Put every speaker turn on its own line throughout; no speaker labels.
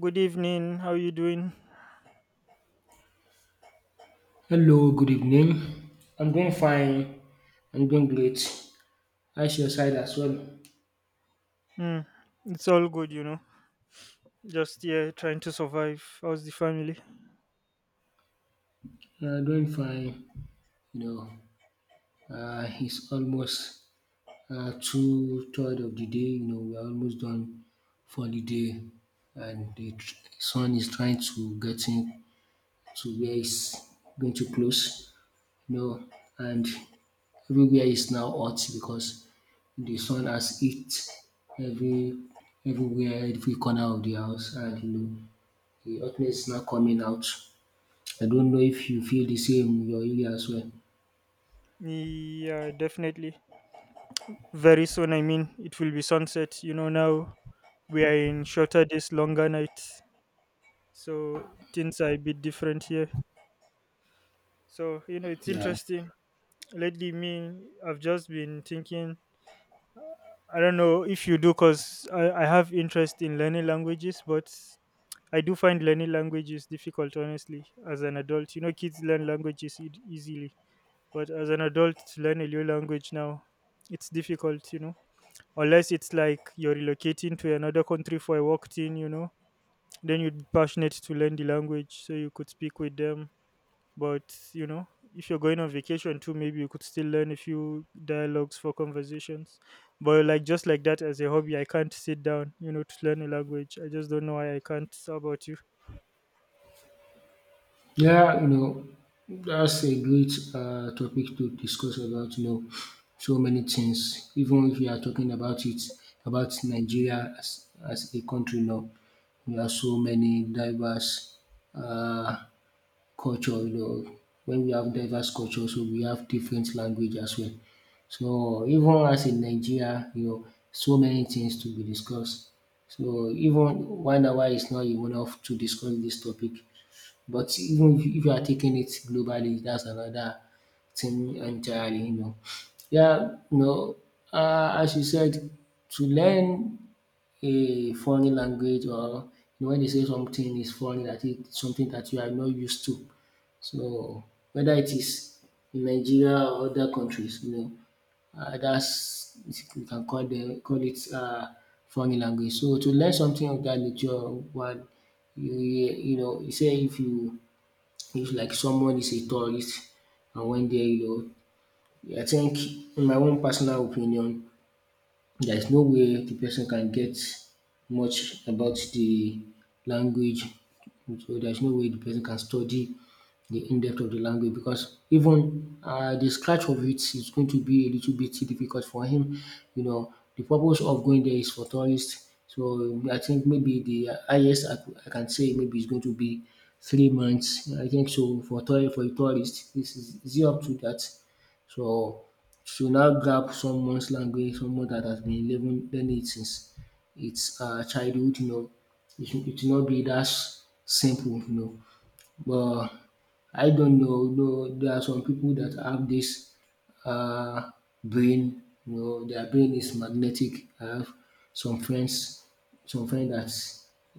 Good evening. How you doing?
Hello, good evening. I'm doing fine. I'm doing great. How's your side as well?
Hmm. It's all good, you know. Just yeah, trying to survive. How's the family?
Doing fine. You it's almost two third of the day. You know, we're almost done for the day, and the sun is trying to get in to where it's going to close. You know, and everywhere is now hot because the sun has hit every everywhere, every corner of the house, and you know, the hotness is now coming out. I don't know if you feel the same in your area as well.
Yeah, definitely. Very soon, it will be sunset. You know, now we are in shorter days, longer nights. So things are a bit different here. So, you know, it's
Yeah.
interesting. Lately, me, I've just been thinking, I don't know if you do, because I have interest in learning languages, but I do find learning languages difficult, honestly, as an adult. You know, kids learn easily, but as an adult, to learn a new language now, it's difficult, you know, unless it's like you're relocating to another country for a work thing, you know, then you'd be passionate to learn the language so you could speak with them. But, you know, if you're going on vacation too, maybe you could still learn a few dialogues for conversations. But, like, just like that as a hobby, I can't sit down, you know, to learn a language. I just don't know why I can't. How about you?
Yeah, you know, that's a great topic to discuss about, you know, so many things. Even if you are talking about it, about Nigeria as a country now, we have so many diverse uh, culture, you know, when we have diverse culture, so we have different language as well. So even as in Nigeria, you know, so many things to be discussed. So even 1 hour is not enough to discuss this topic. But even if you are taking it globally, that's another thing entirely, you know. Yeah, you know, as you said, to learn a foreign language or you know, when they say something is foreign, that is something that you are not used to. So whether it is in Nigeria or other countries, you know, that's we can call it foreign language. So to learn something of that nature while you know you say if you if like someone is a tourist and went there you know I think in my own personal opinion there is no way the person can get much about the language. So there's no way the person can study the in-depth of the language because even the scratch of it is going to be a little bit difficult for him. You know, the purpose of going there is for tourists. So I think maybe the highest I can say maybe is going to be 3 months. I think so for tour for a tourist. Is it up to that? So she will now grab someone's language, someone that has been living learning it since its childhood, you know. It should not be that simple, you know. But I don't know, no, there are some people that have this uh, brain, you know, their brain is magnetic. I have some friends, some friends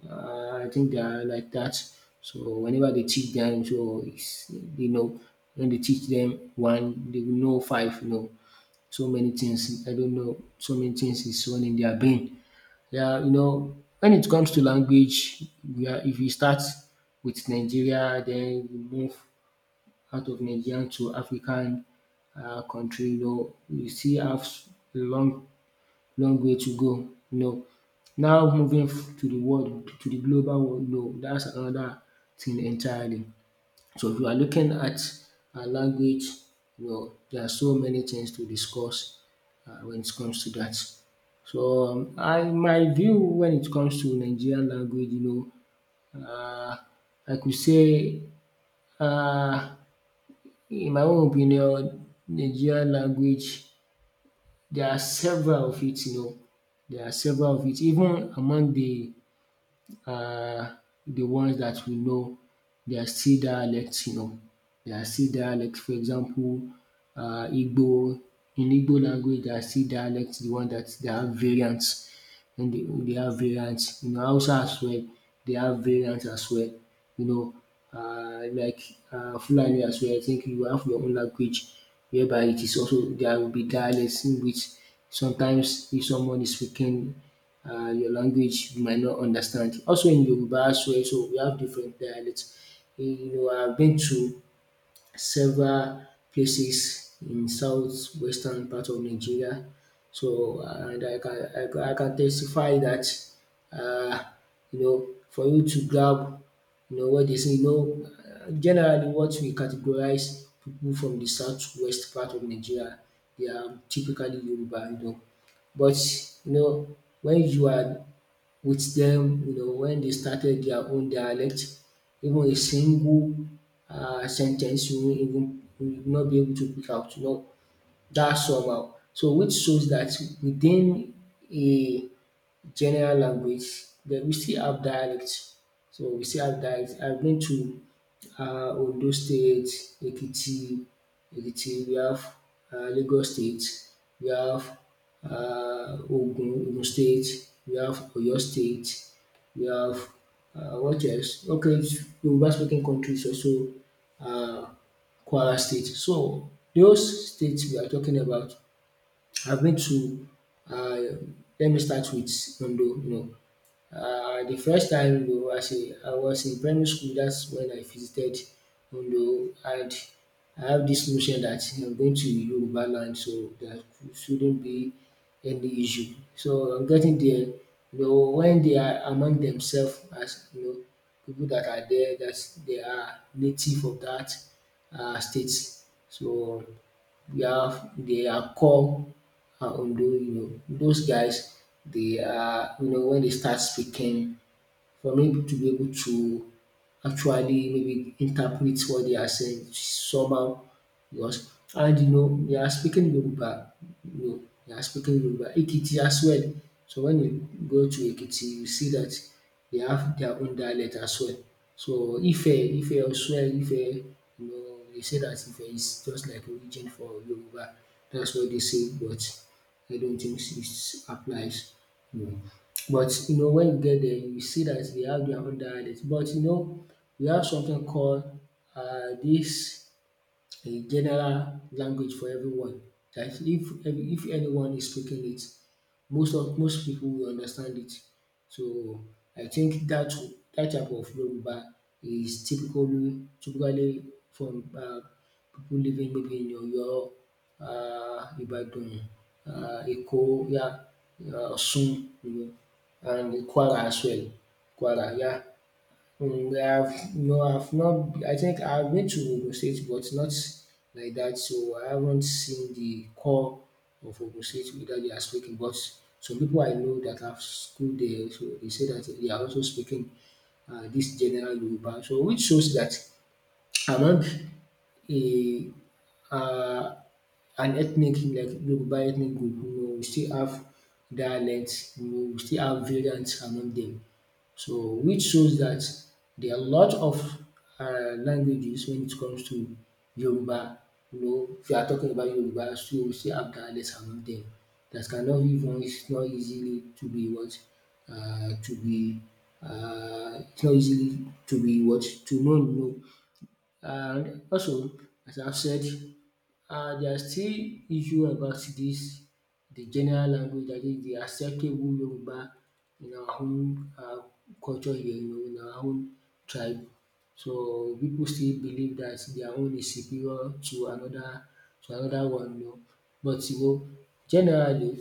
that I think they are like that. So whenever they teach them, so it's, you know, when they teach them one, they will know five, you know so many things, I don't know, so many things is on in their brain. Yeah, you know, when it comes to language, we are, if you start with Nigeria, then you move out of Nigeria to African country, you know, you still have a long, long way to go. You know, now moving to the world, to the global world, no, that's another thing entirely. So if you are looking at language, you know, there are so many things to discuss when it comes to that. So my view when it comes to Nigerian language, you know, I could say, uh, in my own opinion, Nigerian language, there are several of it, you know, there are several of it, even among um the ones that we know. They are still dialects, you know, they are still dialects. For example, Igbo, in Igbo language there are still dialects, the one that there are variants then they have variants. In Hausa as well, they have variants as well. You know, uh, like Fulani as well, I think you have your own language whereby it is also there will be dialects in which sometimes if someone is speaking your language you might not understand. Also in Yoruba as well, so we have different dialects. You know, I've been to several places in southwestern part of Nigeria. So and I can testify that, um you know for you to grab you know what they say you know generally what we categorize people from de southwest part of Nigeria, they are typically Yoruba, you know, but you know when you are with them, you know when they started their own dialect. Even a single sentence, ten you won't even you will not be able to pick out. You know, that's somehow. So which shows that within a general language, then we still have dialects. So we still have dialects. I've been to Ondo State, Ekiti, Ekiti, we have Lagos State, we have Ogun State, we have Oyo State, we have what else? Okay, Yoruba speaking countries also um Kwara State. So those states we are talking about I've been to, uh, let me start with Ondo. You know, the first time you know, I was in primary school, that's when I visited Ondo, and I have this notion that I'm going to Yoruba land, so there shouldn't be any issue. So I'm getting there. You know, when they are among themselves, as you know, people that are there, that they are native of that state. So we have they are called Ondo, you know, those guys, they are, you know, when they start speaking, for me to be able to actually maybe interpret what they are saying somehow because and you know they are speaking Yoruba, you know they are speaking Yoruba, Ekiti as well. So when you go to Ekiti you see that they have their own dialect as well. So Ife as well, Ife you know they say that Ife is just like origin for Yoruba, that's what they say but I don't think it applies. You know. But you know when you get there you see that they have their own dialect but you know we have something called this a general language for everyone. That if anyone is speaking it most of most pipu will understand it. So I think dat type of Yoruba is typically from pipu living maybe in Oyo, Ibadan, Eko, yeah, Osun, you know and Kwara as well. Kwara, yeah. I've no, I've not. I think I've been to Ogun State, but not like that. So I haven't seen the core of Ogun State whether they are speaking. But some people I know that have schooled there, so they say that they are also speaking this general Yoruba. So which shows that among a uh, an ethnic like Yoruba ethnic group. You know, we still have dialects. You know, we still have variants among them. So which shows that there are a lot of languages when it comes to Yoruba. You know, if you are talking about Yoruba, so you still have dialects among them that cannot even it's not easily to be what to be it's not easily to be what to know. Know. And also, as I've said, there are still issue about this. The general language dat is the acceptable Yoruba in our own culture here you know, in our own tribe. So people still believe that their own is superior to another one, you know. But you know generally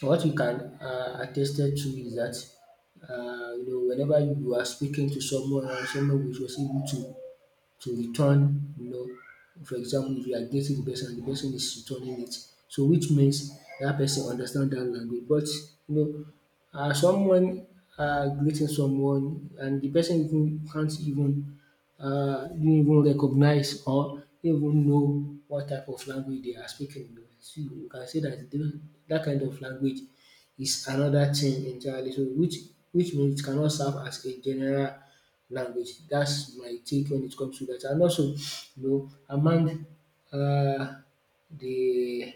what we can attested to is that, you know whenever you are speaking to someone someone which with to to return you know for example if you are dating the person and the person is returning it so which means that person understand that language but you know someone greeting someone and the person even can't even didn't even recognize or didn't even know what type of language they are speaking. You know. So you can say dat that kind of language is another thing entirely so which means it cannot serve as a general language. That's my take when it comes to that. And also, you know, among uh, the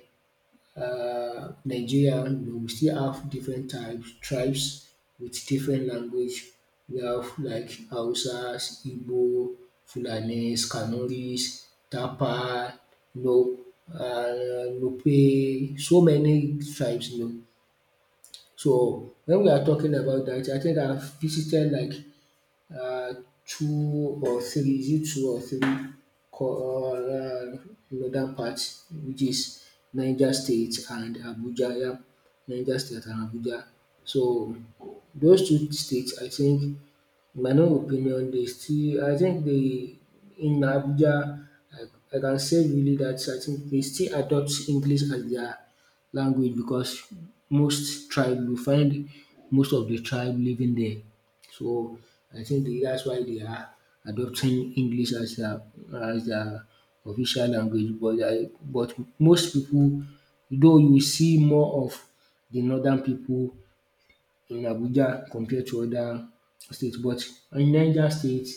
Nigerian, you know, we still have different types, tribes with different language. We have like Hausas, Igbo, Fulanis, Kanoris, Tapa, you know, Nupe, so many tribes, you know. So when we are talking about that, I think I've visited like uh, is it two or three co- uh, northern parts, which is Niger State and Abuja. Yeah, Niger State and Abuja. So those two states, I think in my own opinion, they still I think they in Abuja I can say really that I think they still adopt English as their language because most tribe you find most of the tribe living there. So I think they, that's why they are adopting English as their official language. But most people, though you see more of the northern people so, in Abuja compared to other states. But in Niger State,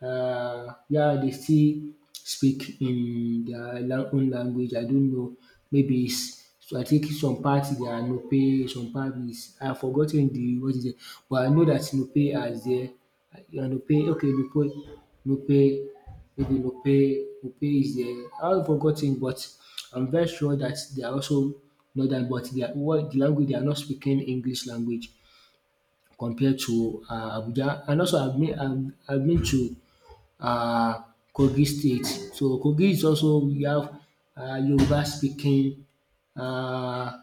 yeah, they still speak in their own language. I don't know, maybe is, I think some parts they are Nupe, some part is, I have forgotten, the what is it, but I know that Nupe are there. Yeah, Nupe, okay, Nupe, Nupe, maybe Nupe is there. I have forgotten, but I'm very sure that they are also northern, but their what de language, they are not speaking English language compared to Abuja. And also I've been, I've been to um Kogi State. So Kogi is also, we have Yoruba speaking, um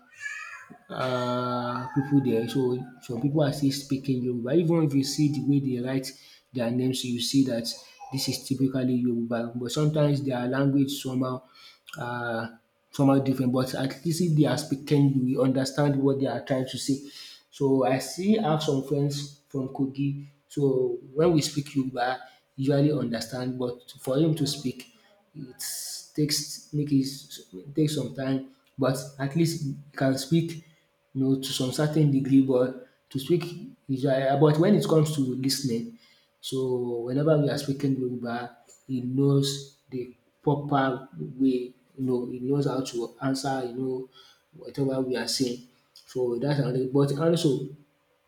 People there. So some people are still speaking Yoruba. Even if you see the way they write their names, you see that this is typically Yoruba, but sometimes their language somehow, uh, somehow different. But at least if they are speaking, you will understand what they are trying to say. So I still have some friends from Kogi, so when we speak Yoruba, usually understand, but for him to speak it, takes make it take some time, but at least you can speak, you know, to some certain degree. But to speak is but when it comes to listening, so whenever we are speaking Yoruba, he knows the proper way. You know, he knows how to answer, you know, whatever we are saying. So that's another. But also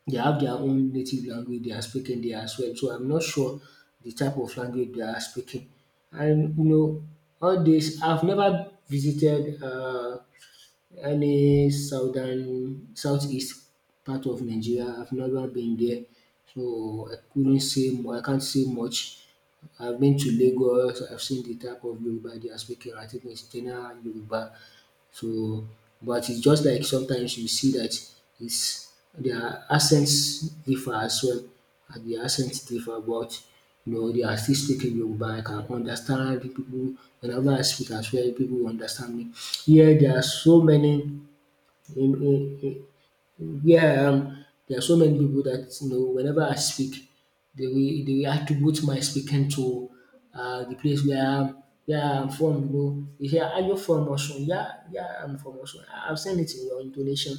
they have their own native language they are speaking there as well. So I'm not sure the type of language they are speaking. And you know, all this, I've never visited any southern, southeast part of Nigeria. I've never been there, so I couldn't say. I can't say much. I've been to Lagos. I've seen the type of Yoruba they are speaking. I think it's general Yoruba. So, but it's just like sometimes you see that it's their accents differ as well, and the accents differ, but you know they are still speaking Yoruba. I can understand the people, whenever I speak as well, people will understand me. Here there are so many, in where I am, there are so many people that, you know, whenever I speak, they will, they will attribute my speaking to the place where I am from. You know, they say, "Are you from Osun?" Yeah, yeah, I'm from Osun. I've seen it in your intonation.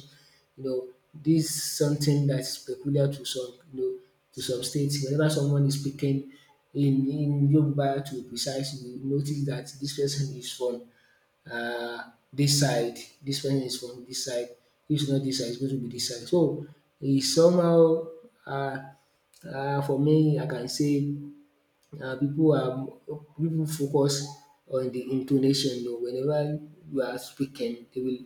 You know, this is something that's peculiar to some, you know, to some states. Whenever someone is speaking in Yoruba, to be precise, you notice that this person is from um dis side, dis person is from dis side, if it's not dis side, it's going to be dis side. So, e somehow, for me I can say, pipu are, people focus on the intonation, whenever you are speaking, they will,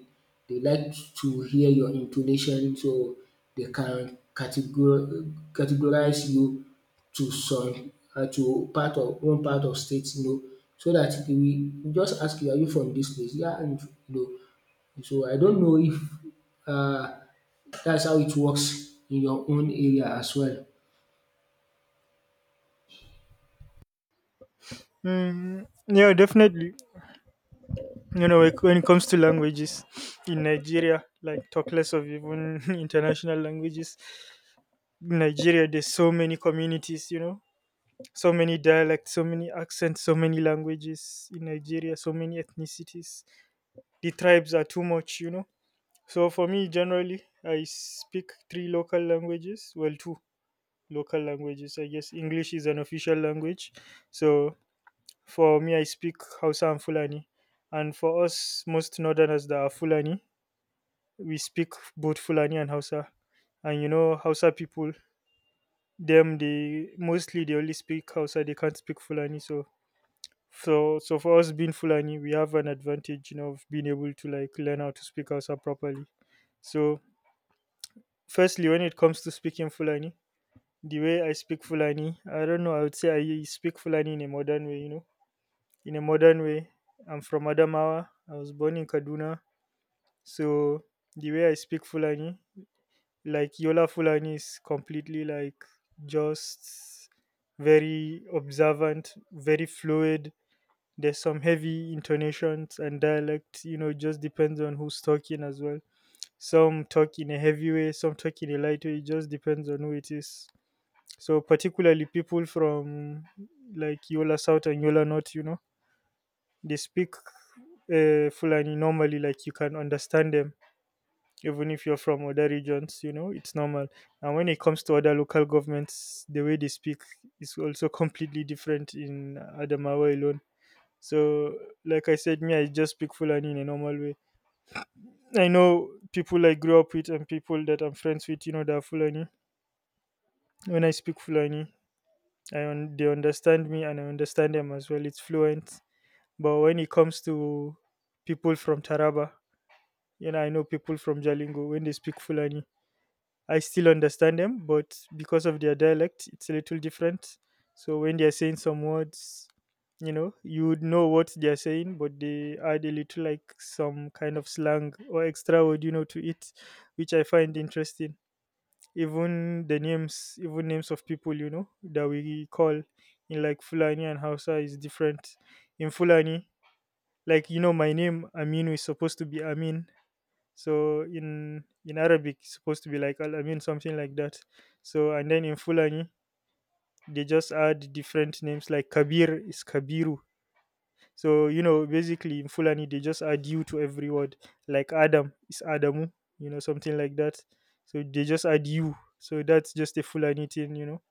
they like to hear your intonation, so they can categorize you to some, to part of one part of state, you know, so that they will just ask, you are you from this place? Yeah, and you know, so I don't know if, um dats how it works in your own area as well.
Mm, yeah, definitely. You know, like, when it comes to languages in Nigeria, like talk less of even international languages. In Nigeria, there's so many communities. You know, so many dialects, so many accents, so many languages in Nigeria, so many ethnicities. The tribes are too much. You know, so for me, generally, I speak three local languages. Well, two local languages. I guess English is an official language, so for me, I speak Hausa and Fulani. And for us, most northerners that are Fulani, we speak both Fulani and Hausa. And you know, Hausa people, them they mostly they only speak Hausa. They can't speak Fulani. So, so for us being Fulani, we have an advantage, you know, of being able to like learn how to speak Hausa properly. So, firstly, when it comes to speaking Fulani, the way I speak Fulani, I don't know. I would say I speak Fulani in a modern way, you know, in a modern way. I'm from Adamawa. I was born in Kaduna. So the way I speak Fulani, like Yola Fulani, is completely like just very observant, very fluid. There's some heavy intonations and dialect, you know, it just depends on who's talking as well. Some talk in a heavy way, some talk in a light way, it just depends on who it is. So particularly people from like Yola South and Yola North, you know, they speak Fulani normally, like you can understand them, even if you're from other regions, you know, it's normal. And when it comes to other local governments, the way they speak is also completely different in Adamawa alone. So, like I said, me, I just speak Fulani in a normal way. I know people I grew up with and people that I'm friends with, you know, that are Fulani. When I speak Fulani, they understand me and I understand them as well. It's fluent. But when it comes to people from Taraba, and I know people from Jalingo, when they speak Fulani, I still understand them, but because of their dialect, it's a little different. So when they're saying some words, you know, you would know what they're saying, but they add a little like some kind of slang or extra word, you know, to it, which I find interesting. Even the names, even names of people, you know, that we call in like Fulani and Hausa is different. In Fulani, like you know, my name Aminu is supposed to be Amin, so in Arabic, it's supposed to be like Al Amin, something like that. So and then in Fulani, they just add different names like Kabir is Kabiru. So you know, basically in Fulani, they just add you to every word. Like Adam is Adamu, you know, something like that. So they just add you. So that's just a Fulani thing, you know.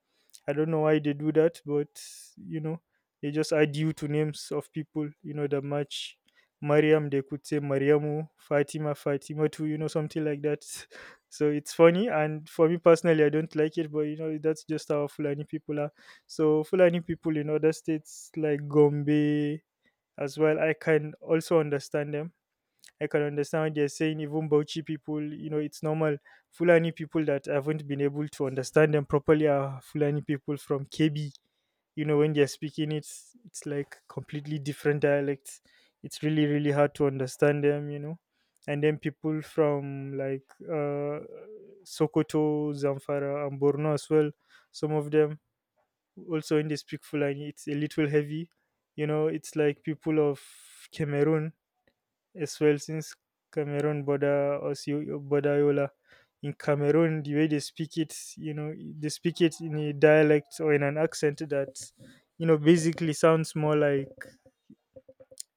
I don't know why they do that, but you know, they just add you to names of people, you know, that match. Mariam, they could say Mariamu, Fatima, Fatima too, you know, something like that. So it's funny, and for me personally, I don't like it, but you know, that's just how Fulani people are. So Fulani people in other states like Gombe as well, I can also understand them. I can understand what they're saying. Even Bauchi people, you know, it's normal. Fulani people that haven't been able to understand them properly are Fulani people from KB. You know, when they're speaking, it's like completely different dialects. It's really hard to understand them. You know, and then people from like Sokoto, Zamfara, and Borno as well. Some of them also when they speak Fulani, it's a little heavy. You know, it's like people of Cameroon as well, since Cameroon border Osio Bodayola. In Cameroon, the way they speak it, you know, they speak it in a dialect or in an accent that, you know, basically sounds more like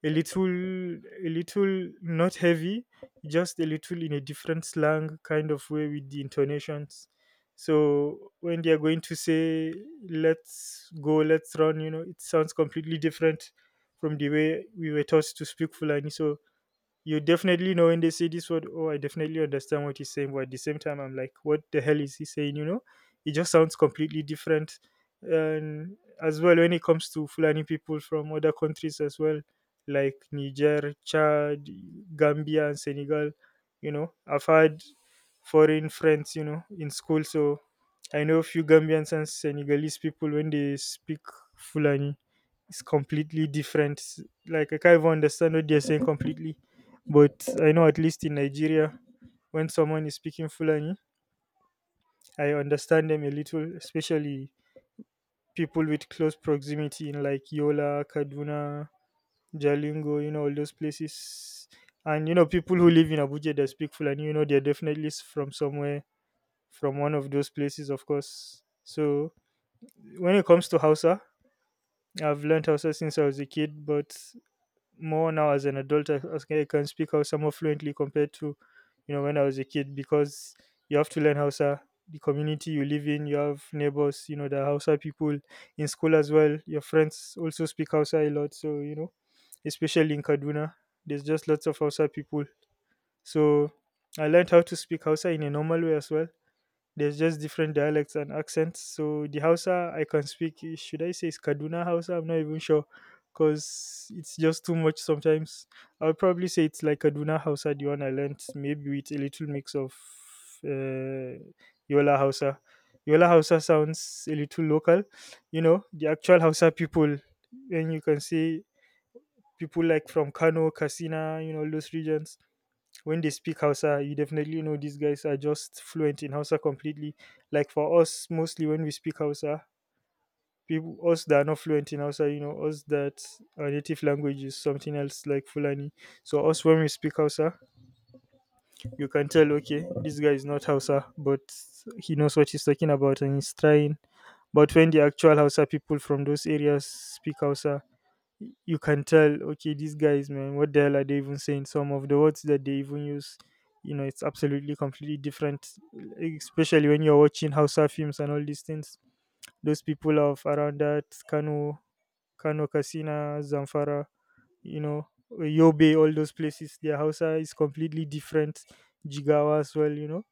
a little not heavy, just a little in a different slang kind of way with the intonations. So when they are going to say "let's go," "let's run," you know, it sounds completely different from the way we were taught to speak Fulani. So you definitely know when they say this word, oh, I definitely understand what he's saying, but at the same time, I'm like, what the hell is he saying? You know, it just sounds completely different. And as well, when it comes to Fulani people from other countries as well, like Niger, Chad, Gambia, and Senegal, you know, I've had foreign friends, you know, in school, so I know a few Gambians and Senegalese people. When they speak Fulani, it's completely different. Like I can't even understand what they're saying completely. But I know at least in Nigeria, when someone is speaking Fulani, I understand them a little, especially people with close proximity in like Yola, Kaduna, Jalingo, you know, all those places. And you know, people who live in Abuja that speak Fulani, you know, they're definitely from somewhere, from one of those places, of course. So when it comes to Hausa, I've learned Hausa since I was a kid, but more now as an adult, I can speak Hausa more fluently compared to you know when I was a kid, because you have to learn Hausa, the community you live in, you have neighbors, you know, the Hausa people, in school as well your friends also speak Hausa a lot, so you know, especially in Kaduna, there's just lots of Hausa people, so I learned how to speak Hausa in a normal way as well. There's just different dialects and accents. So the Hausa I can speak, eh, should I say it's Kaduna Hausa? I'm not even sure because it's just too much sometimes. I would probably say it's like Kaduna Hausa, the one I learnt, maybe with a little mix of uh, Yola Hausa. Yola Hausa sounds a little local, you know, the actual Hausa people, and you can see people like from Kano, Kasina, you know, those regions. When they speak Hausa, you definitely know these guys are just fluent in Hausa completely. Like for us, mostly when we speak Hausa, people us that are not fluent in Hausa, you know, us that our native language is something else like Fulani. So us when we speak Hausa, you can tell okay, this guy is not Hausa, but he knows what he's talking about and he's trying. But when the actual Hausa people from those areas speak Hausa, you can tell okay these guys, man, what the hell are they even saying? Some of the words that they even use, you know, it's absolutely completely different, like, especially when you're watching Hausa films and all these things. Those people of around that Kano, Kasina, Zamfara, you know, Yobe, all those places, their Hausa is completely different. Jigawa as well, you know.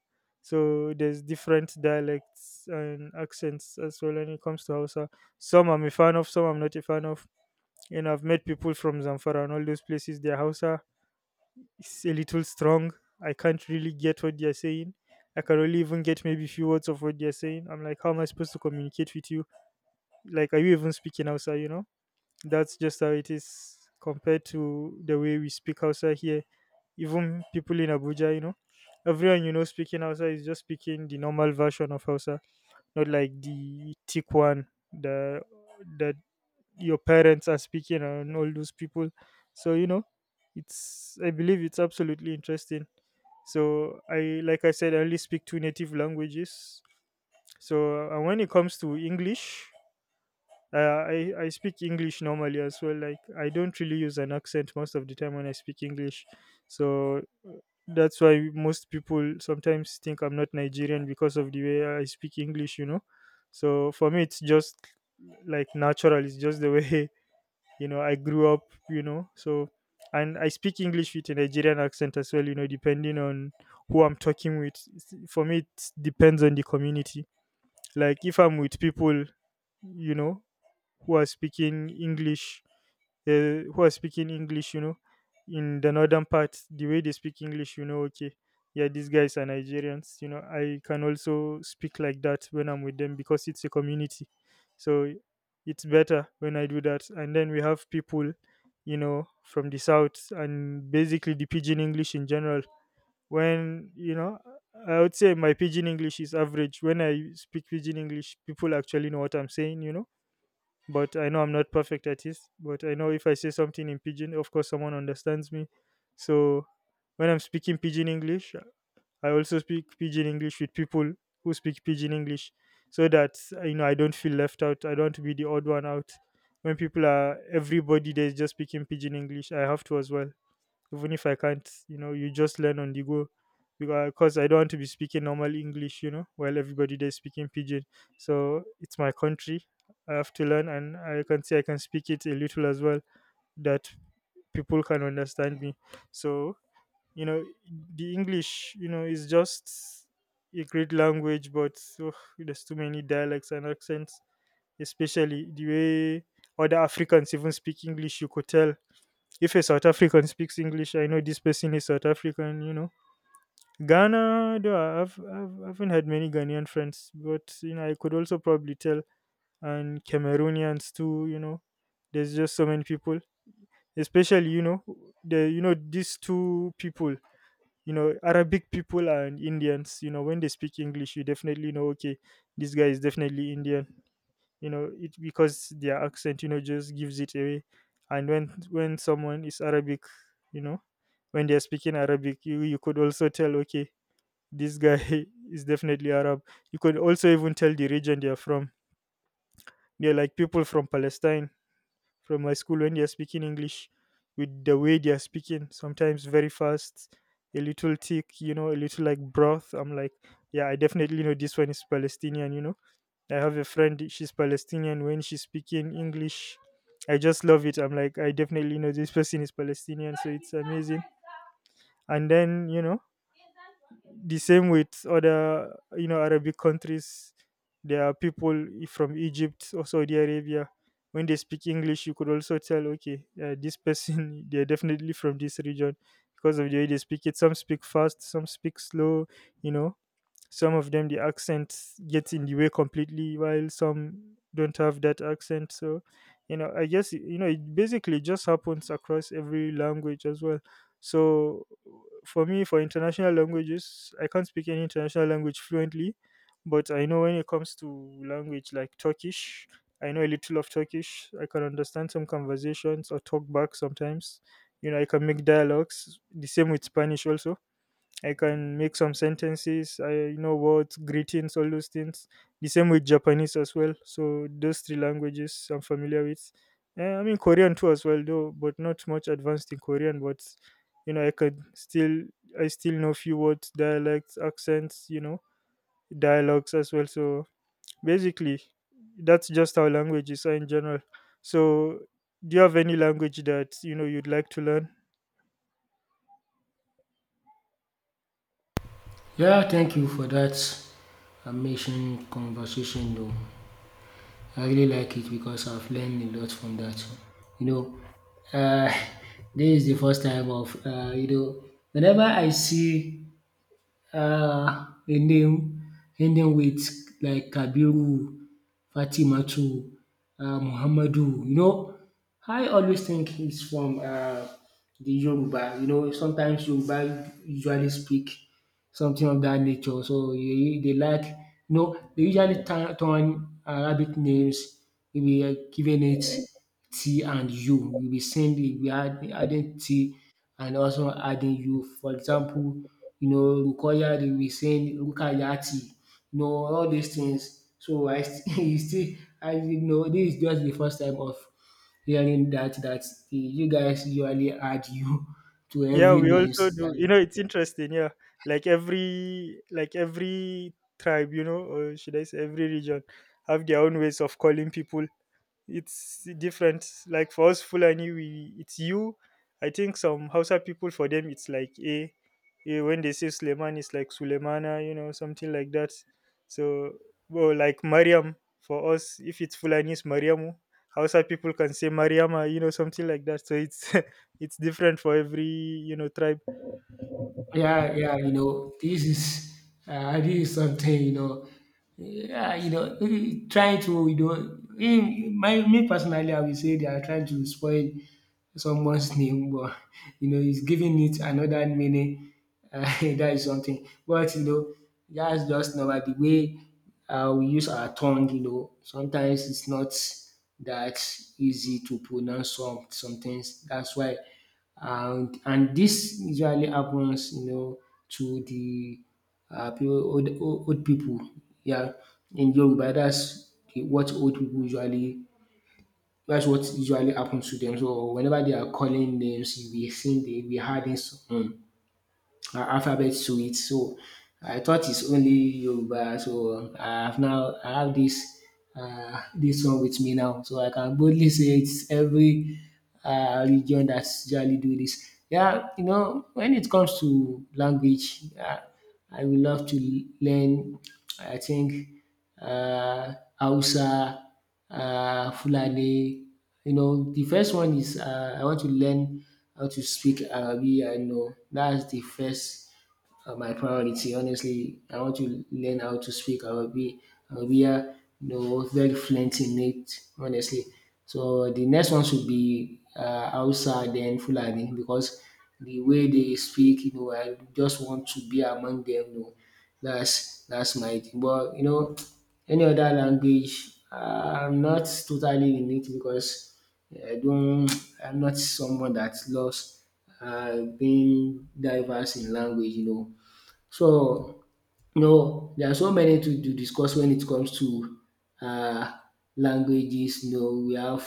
So there's different dialects and accents as well when it comes to Hausa. Some I'm a fan of, some I'm not a fan of. And I've met people from Zamfara and all those places. Their Hausa is a little strong. I can't really get what they're saying. I can only even get maybe a few words of what they're saying. I'm like, how am I supposed to communicate with you? Like, are you even speaking Hausa? You know, that's just how it is compared to the way we speak Hausa here. Even people in Abuja, everyone speaking Hausa is just speaking the normal version of Hausa, not like the thick one, the that your parents are speaking and all those people. So, you know it's I believe it's absolutely interesting. So, I like I said, I only speak two native languages. So, when it comes to English, I speak English normally as well. Like, I don't really use an accent most of the time when I speak English. So, uh, that's why most people sometimes think I'm not Nigerian because of the way I speak English. So for me, it's just, like, natural. It's just the way I grew up you know so and I speak English with a Nigerian accent as well, depending on who I'm talking with. For me, it depends on the community. Like, if I'm with people you know who are speaking english who are speaking English, in the northern part, the way they speak English, okay, yeah, these guys are Nigerians. I can also speak like that when I'm with them because it's a community. So it's better when I do that. And then we have people, from the south, and basically the pidgin English in general. When, I would say my pidgin English is average. When I speak pidgin English, people actually know what I'm saying, but I know I'm not perfect at it. But I know if I say something in pidgin, of course someone understands me. So when I'm speaking pidgin English, I also speak pidgin English with people who speak pidgin English, so that I don't feel left out. I don't want to be the odd one out. When people are everybody there is just speaking pidgin English, I have to as well, even if I can't, you just learn on the go. Because I don't want to be speaking normal English, while everybody there is speaking pidgin. So it's my country. I have to learn, and I can say I can speak it a little as well, that people can understand me. So, you know, the English, is just a great language, but ugh, there's too many dialects and accents, especially the way other Africans even speak English. You could tell, if a South African speaks English, I know this person is South African. Ghana, though, I haven't had many Ghanaian friends, but, I could also probably tell, and Cameroonians too. There's just so many people, especially, these two people, Arabic people and Indians, when they speak English, you definitely know, okay, this guy is definitely Indian. You know it because their accent, just gives it away. And when someone is Arabic, you know when they're speaking Arabic, you could also tell, okay, this guy is definitely Arab. You could also even tell the region they're from. They're like people from Palestine from my school. When they're speaking English, with the way they're speaking, sometimes very fast, a little thick, a little like broth, I'm like, yeah, I definitely know this one is Palestinian. I have a friend, she's Palestinian. When she's speaking English, I just love it. I'm like, I definitely know this person is Palestinian, so it's amazing. And then, the same with other, Arabic countries. There are people from Egypt or Saudi Arabia. When they speak English, you could also tell, okay, this person, they're definitely from this region because of the way they speak it. Some speak fast, some speak slow, you know some of them, the accent gets in the way completely, while some don't have that accent. So, I guess, it basically just happens across every language as well. So, for me, for international languages, I can't speak any international language fluently, but I know when it comes to language like Turkish, I know a little of Turkish. I can understand some conversations or talk back sometimes. I can make dialogues. The same with Spanish also, I can make some sentences. I know words, greetings, all those things. The same with Japanese as well. So those three languages I'm familiar with. I mean, Korean too as well, though, but not much advanced in Korean. But you know, I could still I still know few words, dialects, accents. Dialogues as well. So basically, that's just how languages are in general. So, do you have any language that you'd like to learn?
Yeah, thank you for that amazing conversation. Though I really like it because I've learned a lot from that. You know, uh, this is the first time of, you know, whenever I see her name ending with like Kabiru, Fatimatu, Muhammadu. You know, I always think it's from the Yoruba. You know, sometimes Yoruba usually speak something of that nature. So they like, you know, they usually turn Arabic names, maybe giving it T and U. You'll be saying, you adding T and also adding you. For example, you know, Rukoya, they will sing Rukayati, you know, all these things. So I still, you still, I, you know, this is just the first time of hearing that, that you guys usually add you to
Yeah,
every
we also
names.
do.
And
It's interesting. Yeah, like every tribe, or should I say every region, have their own ways of calling people. It's different. Like for us Fulani, we it's you. I think some Hausa people, for them it's like a when they say Suleiman, it's like Sulemana, something like that. So, well, like Mariam for us, if it's Fulani it's Mariamu. Hausa people can say Mariama, something like that. So it's it's different for every, tribe.
yeah, yeah, you know, this is something, you know, yeah, you know, really trying to, you know, in, my, me personally, I will say they are trying to spoil someone's name, but you know, he's giving it another meaning. That is something. But you know, that's just normal. The way we use our tongue, you know, sometimes it's not that easy to pronounce some things. That's why, and this usually happens, you know, to the people, old people. Yeah, in Yoruba, what old people usually, that's what usually happens to them. So whenever they are calling names, you'll be seeing they be adding some alphabet to it. So I thought it's only Yoruba. So I have now, I have this this one with me now. So I can boldly say it's every region that's usually do this. Yeah, you know, when it comes to language, I would love to learn, I think uh Hausa, Fulani, you know. The first one is, I want to learn how to speak Arabic, I know. That's the first, my priority. Honestly, I want to learn how to speak Arabic, Arabia, you know, very fluent in it, honestly. So the next one should be Hausa, then Fulani, because the way they speak, you know, I just want to be among them. You know, that's my thing. But you know, any other language, I'm not totally in it, because I don't. I'm not someone that loves being diverse in language. You know, so, you know, there are so many to discuss when it comes to uh, languages. You know, we have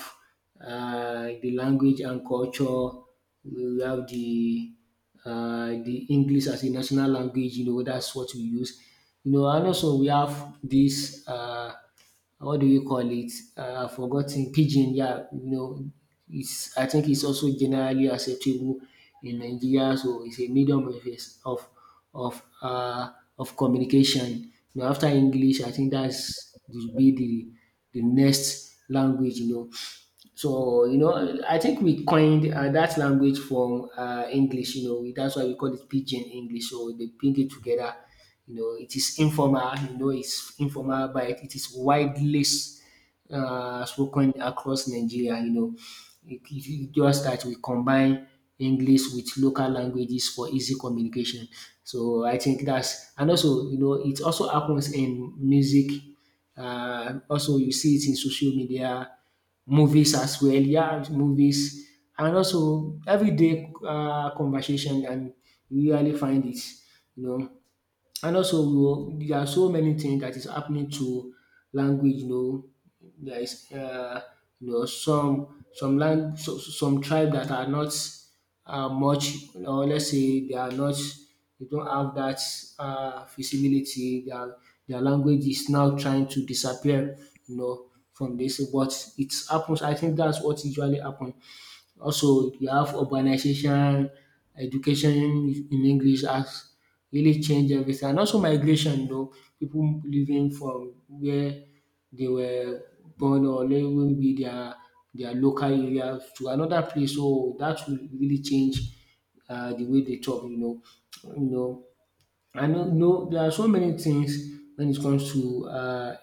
the language and culture. We have the English as a national language. You know, that's what we use. You know, and also we have this. What do you call it? I've forgotten, pidgin. Yeah, you know, it's, I think it's also generally acceptable in Nigeria. So it's a medium of of communication. You know, after English, I think that's will be the next language. You know, so, you know, I think we coined that language from English, you know, that's why we call it pidgin English. So they bring it together. You know, it is informal, you know, it's informal, but it is widely spoken across Nigeria, you know. It just that we combine English with local languages for easy communication. So I think that's, and also, you know, it also happens in music. Also, you see it in social media, movies as well. Yeah, movies, and also everyday conversation. And you rarely find it, you know. And also we will, there are so many things that is happening to language, you know. There is, you know, some tribe that are not much, or let's say they are not, they don't have that feasibility. Their language is now trying to disappear, you know, from this, but it happens, I think that's what usually happen. Also, you have urbanization, education in English has really changed everything, and also migration, you know, people living from where they were born, or maybe their local area to another place. So that will really change the way they talk, you know. You know, I know there are so many things when it comes to uh,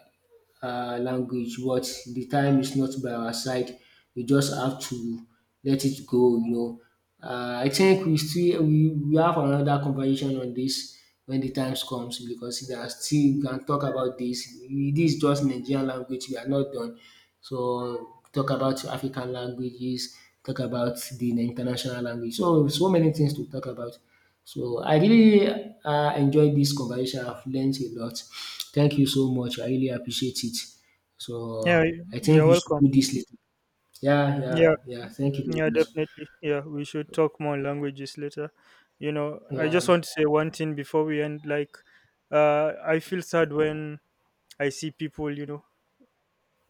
uh, language, but the time is not by our side. We just have to let it go, you know. I think we still, we have another conversation on this when the time comes, because there are still we can talk about this. This is just Nigerian language. We are not done. So talk about African languages, talk about the international language. So so many things to talk about. So I really enjoyed this conversation. I've learned a lot. Thank you so much. I really appreciate it. So
Yeah,
I think
you're
we should
welcome.
do this later. Yeah, yeah,
Yeah.
yeah. Thank you very
Yeah,
much.
definitely. Yeah, we should talk more on languages later. I just
Yeah.
want to say one thing before we end. Like, I feel sad when I see people,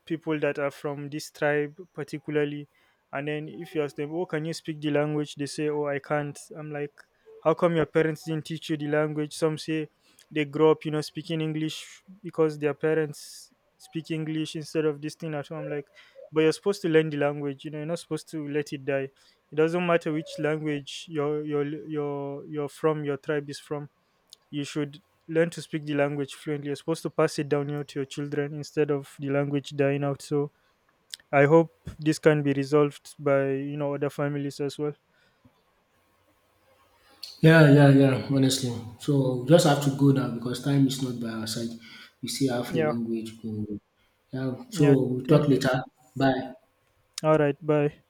people that are from this tribe particularly. And then if you ask them, oh, can you speak the language, they say, oh, I can't. I'm like, how come your parents didn't teach you the language? Some say they grow up speaking English because their parents speak English instead of this thing at home. I'm like, but you're supposed to learn the language, you're not supposed to let it die. It doesn't matter which language you're from, your tribe is from. You should learn to speak the language fluently. You're supposed to pass it down, to your children, instead of the language dying out. So I hope this can be resolved by other families as well.
Yeah, yeah, yeah. Honestly. So we just have to go now because time is not by our side. We still have a
Yeah,
long way to go. Yeah. So
yeah.
we'll
Thank
talk
you.
later. Bye.
All right. Bye.